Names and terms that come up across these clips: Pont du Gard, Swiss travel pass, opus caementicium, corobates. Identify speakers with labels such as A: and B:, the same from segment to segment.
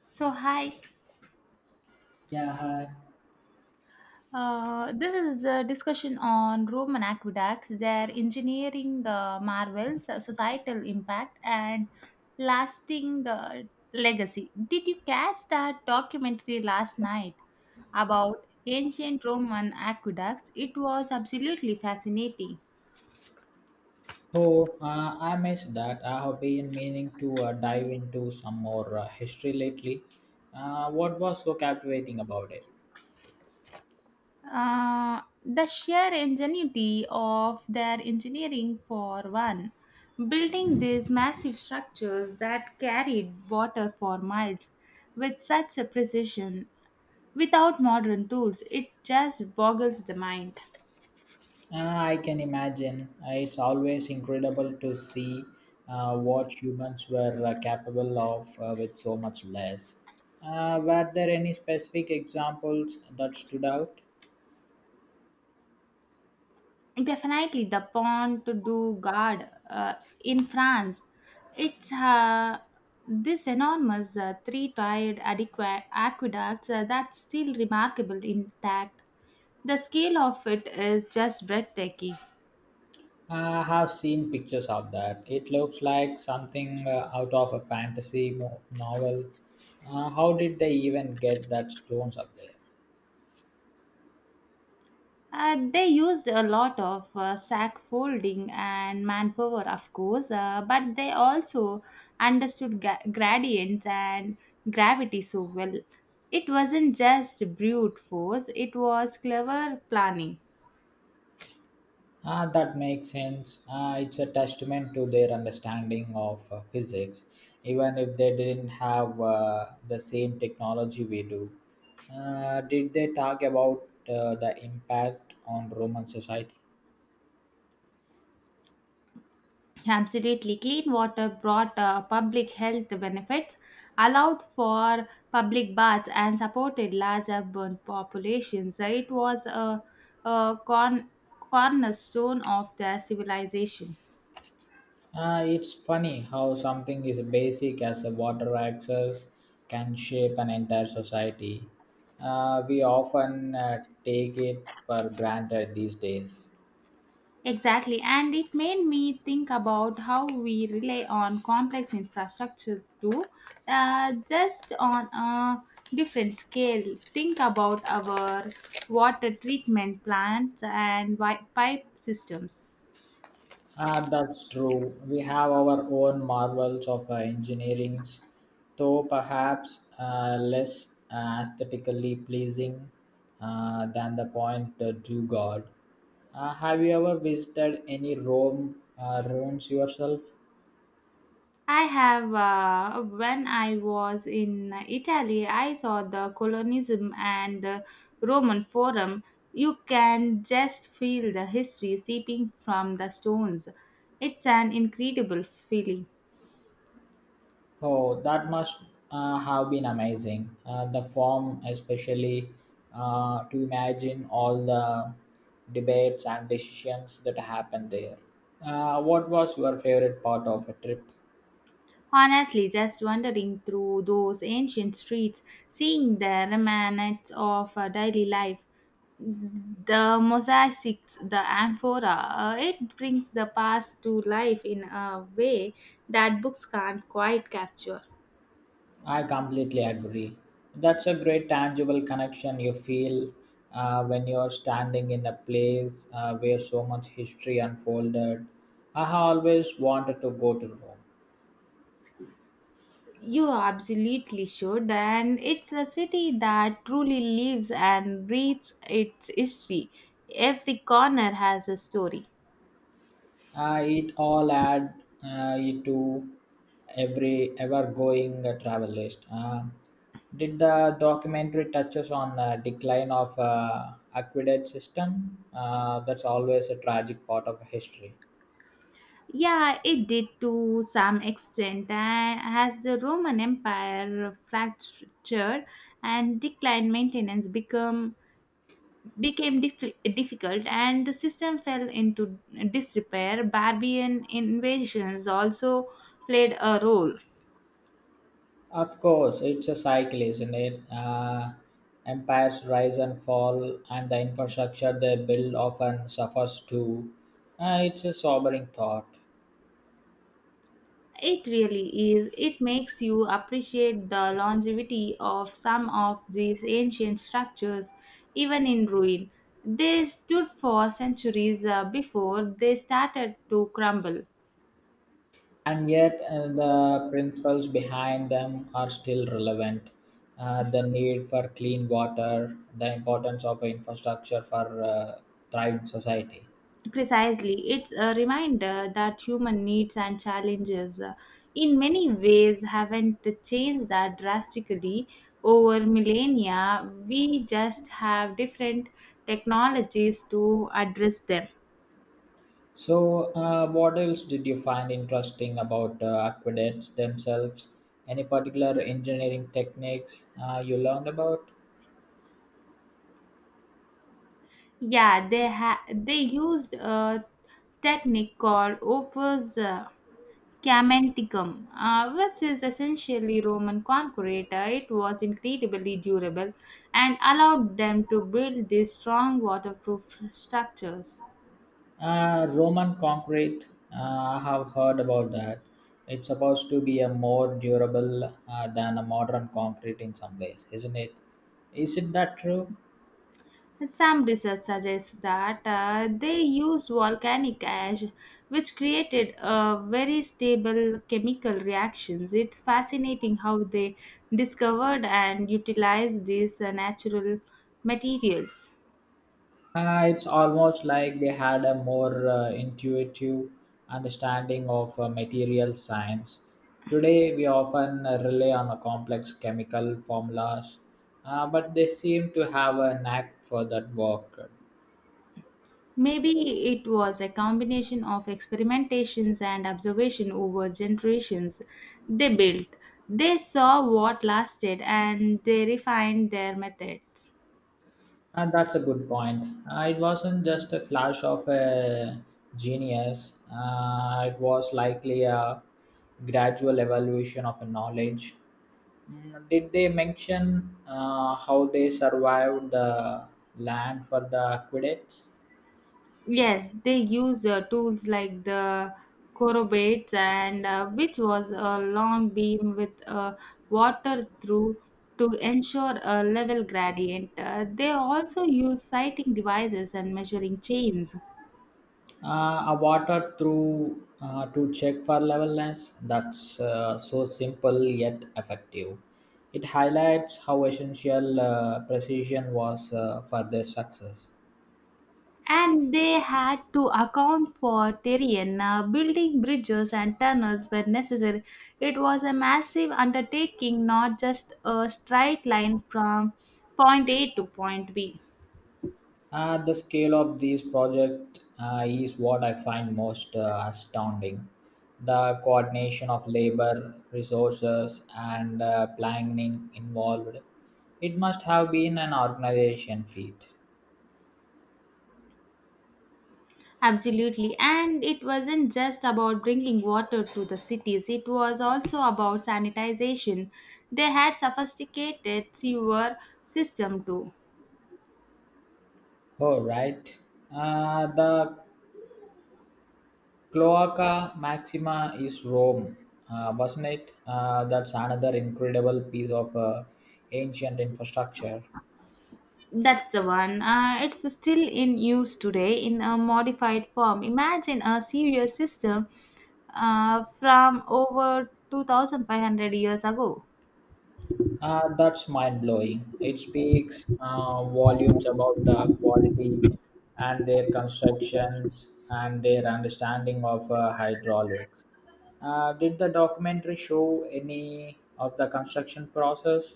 A: So, hi.
B: Yeah, hi.
A: This is the discussion on Roman aqueducts, their engineering marvels, societal impact, and lasting the legacy. Did you catch that documentary last night about ancient Roman aqueducts? It was absolutely fascinating.
B: Oh, I missed that. I have been meaning to dive into some more history lately. What was so captivating about it?
A: The sheer ingenuity of their engineering, for one, building these massive structures that carried water for miles with such a precision without modern tools, it just boggles the mind.
B: I can imagine. It's always incredible to see what humans were capable of with so much less. Were there any specific examples that stood out?
A: Definitely the Pont du Gard in France. It's this enormous three-tiered aqueducts that's still remarkable intact. The scale of it is just breathtaking.
B: I have seen pictures of that. It looks like something out of a fantasy novel. How did they even get that stones up there?
A: They used a lot of sack folding and manpower, of course, but they also understood gradients and gravity so well. It wasn't just brute force, it was clever planning.
B: Ah, that makes sense. Ah, it's a testament to their understanding of physics, even if they didn't have the same technology we do. Did they talk about the impact on Roman society?
A: Absolutely. Clean water brought public health benefits, allowed for public baths, and supported large urban populations. It was a, a cornerstone of their civilization.
B: It's funny how something as basic as a water access can shape an entire society. We often take it for granted these days.
A: Exactly. And it made me think about how we rely on complex infrastructure too, just on a different scale. Think about our water treatment plants and pipe systems.
B: That's true. We have our own marvels of engineering, though perhaps less aesthetically pleasing than the point to God. Have you ever visited any Rome ruins yourself?
A: I have. When I was in Italy, I saw the colonism and the Roman Forum. You can just feel the history seeping from the stones. It's an incredible feeling.
B: Oh, that must have been amazing. The form, especially to imagine all the debates and decisions that happened there. What was your favorite part of a trip?
A: Honestly, just wandering through those ancient streets, seeing the remnants of daily life, the mosaics, the amphora, it brings the past to life in a way that books can't quite capture.
B: I completely agree. That's a great tangible connection you feel when you're standing in a place where so much history unfolded. I have always wanted to go to Rome.
A: You absolutely should, and it's a city that truly lives and breathes its history. Every corner has a story.
B: It all add it to every ever going travel list, did the documentary touches on decline of aqueduct system? That's always a tragic part of history.
A: Yeah, it did, to some extent. And as the Roman Empire fractured and declined, maintenance become became difficult, and the system fell into disrepair. Barbarian invasions also played a role.
B: Of course it's a cycle, isn't it? Empires rise and fall and the infrastructure they build often suffers too. It's a sobering thought.
A: It really is. It makes you appreciate the longevity of some of these ancient structures, even in ruin. They stood for centuries before they started to crumble.
B: And yet the principles behind them are still relevant. The need for clean water, the importance of infrastructure for thriving society.
A: Precisely, it's a reminder that human needs and challenges, in many ways, haven't changed that drastically over millennia. We just have different technologies to address them.
B: So, what else did you find interesting about aqueducts themselves? Any particular engineering techniques you learned about?
A: Yeah, they used a technique called opus camenticum, which is essentially Roman concrete. It was incredibly durable and allowed them to build these strong waterproof structures.
B: Roman concrete, I have heard about that. It's supposed to be a more durable than a modern concrete in some ways, isn't it? Is it that true?
A: Some research suggests that they used volcanic ash, which created very stable chemical reactions. It's fascinating how they discovered and utilized these natural materials.
B: It's almost like they had a more intuitive understanding of material science. Today, we often rely on a complex chemical formulas, but they seem to have a knack for that work.
A: Maybe it was a combination of experimentations and observation over generations. They built, they saw what lasted, and they refined their methods.
B: And that's a good point. It wasn't just a flash of a genius. It was likely a gradual evolution of a knowledge. Mm, did they mention how they survived the land for the aqueducts?
A: Yes, they use tools like the corobates and which was a long beam with water through, to ensure a level gradient. They also use sighting devices and measuring chains.
B: A water through to check for levelness. That's so simple yet effective. It highlights how essential precision was for their success.
A: And they had to account for terrain, building bridges and tunnels where necessary. It was a massive undertaking, not just a straight line from point A to point B.
B: The scale of these projects is what I find most astounding. The coordination of labor, resources, and planning involved. It must have been an organization feat.
A: Absolutely. And it wasn't just about bringing water to the cities, it was also about sanitization. They had sophisticated sewer system too.
B: Oh, right. The Cloaca Maxima is Rome, wasn't it? That's another incredible piece of ancient infrastructure.
A: That's the one. It's still in use today in a modified form. Imagine a sewer system from over 2500 years ago.
B: That's mind blowing. It speaks volumes about the quality and their constructions and their understanding of hydraulics. Did the documentary show any of the construction process?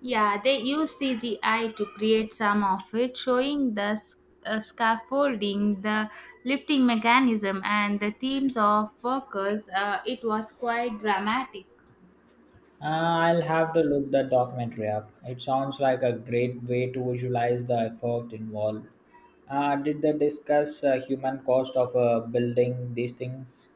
A: Yeah, they use CGI to create some of it, showing the scaffolding, the lifting mechanism, and the teams of workers. It was quite dramatic.
B: Uh, I'll have to look that documentary up. It sounds like a great way to visualize the effort involved. Did they discuss human cost of building these things?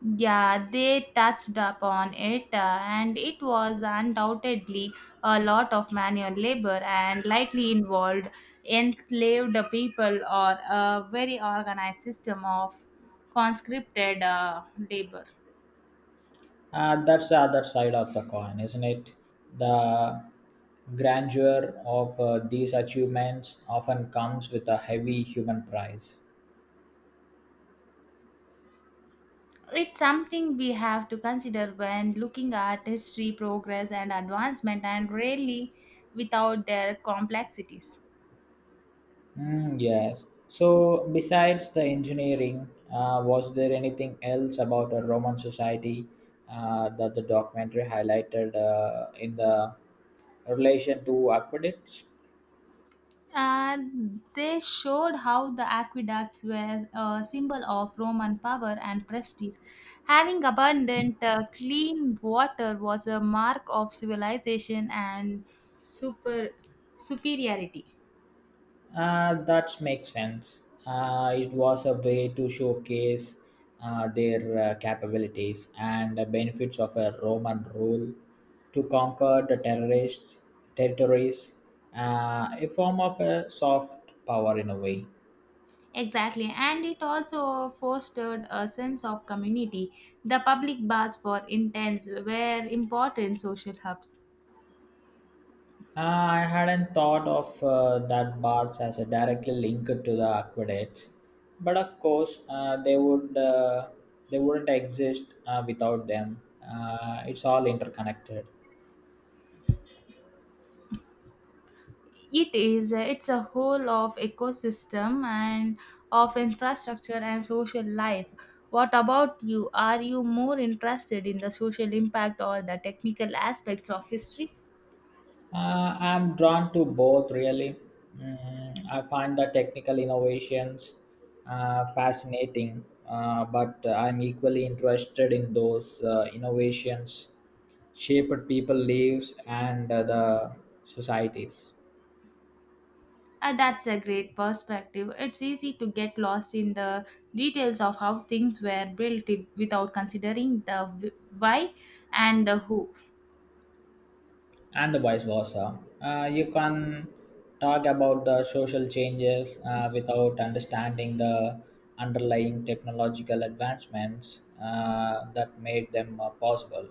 A: Yeah, they touched upon it, and it was undoubtedly a lot of manual labor and likely involved enslaved people or a very organized system of conscripted labor.
B: And that's the other side of the coin, isn't it? The grandeur of these achievements often comes with a heavy human price.
A: It's something we have to consider when looking at history, progress, and advancement, and really without their complexities.
B: Mm, yes. So, besides the engineering, was there anything else about a Roman society that the documentary highlighted in the relation to aqueducts?
A: And they showed how the aqueducts were a symbol of Roman power and prestige. Having abundant, clean water was a mark of civilization and super superiority.
B: That makes sense. It was a way to showcase their capabilities and the benefits of a Roman rule to conquer the terrorist territories, a form of a soft power in a way.
A: Exactly, and it also fostered a sense of community. The public baths for interns were important social hubs.
B: I hadn't thought of that baths as a directly linked to the aqueducts, but of course they would they wouldn't exist without them. It's all interconnected.
A: It is, it's a whole of ecosystem and of infrastructure and social life. What about you? Are you more interested in the social impact or the technical aspects of history?
B: I'm drawn to both, really. Mm, I find the technical innovations fascinating, but I'm equally interested in those innovations shaped people lives and the societies,
A: That's a great perspective. It's easy to get lost in the details of how things were built without considering the why and the who.
B: and the vice versa. You can talk about the social changes without understanding the underlying technological advancements that made them possible.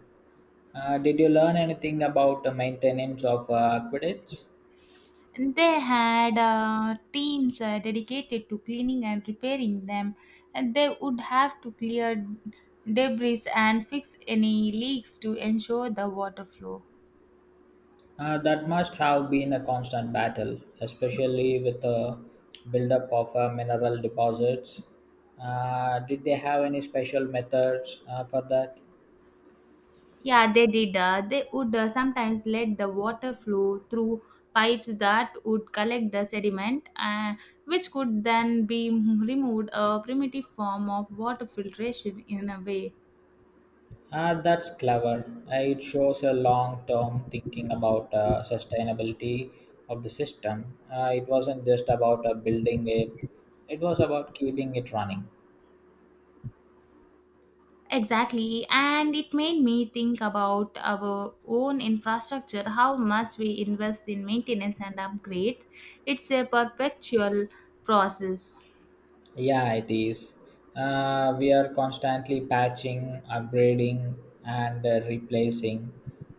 B: Did you learn anything about the maintenance of aqueducts?
A: They had teams dedicated to cleaning and repairing them, and they would have to clear debris and fix any leaks to ensure the water flow.
B: That must have been a constant battle, especially with the buildup of mineral deposits. Did they have any special methods for that?
A: Yeah, they did. They would sometimes let the water flow through pipes that would collect the sediment, which could then be removed, a primitive form of water filtration in a way.
B: That's clever. It shows a long term thinking about sustainability of the system. It wasn't just about building it, it was about keeping it running.
A: Exactly, and it made me think about our own infrastructure, how much we invest in maintenance and upgrades. It's a perpetual process.
B: Yeah, it is. We are constantly patching, upgrading, and replacing.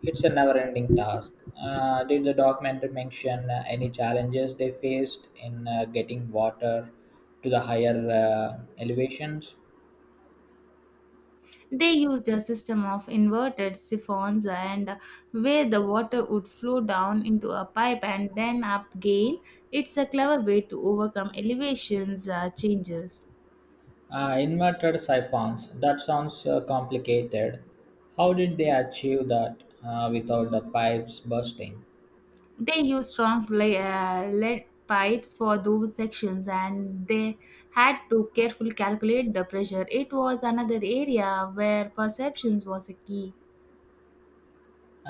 B: It's a never ending task. Did the documentary mention any challenges they faced in getting water to the higher elevations?
A: They used a system of inverted siphons, and where the water would flow down into a pipe and then up again. It's a clever way to overcome elevations changes.
B: Inverted siphons. That sounds complicated. How did they achieve that without the pipes bursting?
A: They used strong lead pipes for those sections, and they had to carefully calculate the pressure. It was another area where perceptions was a key.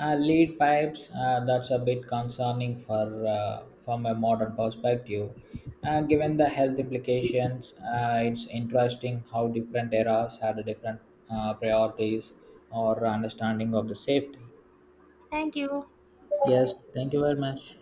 B: Lead pipes, that's a bit concerning for from a modern perspective. Given the health implications, it's interesting how different eras had different priorities or understanding of the safety.
A: Thank you.
B: Yes, thank you very much.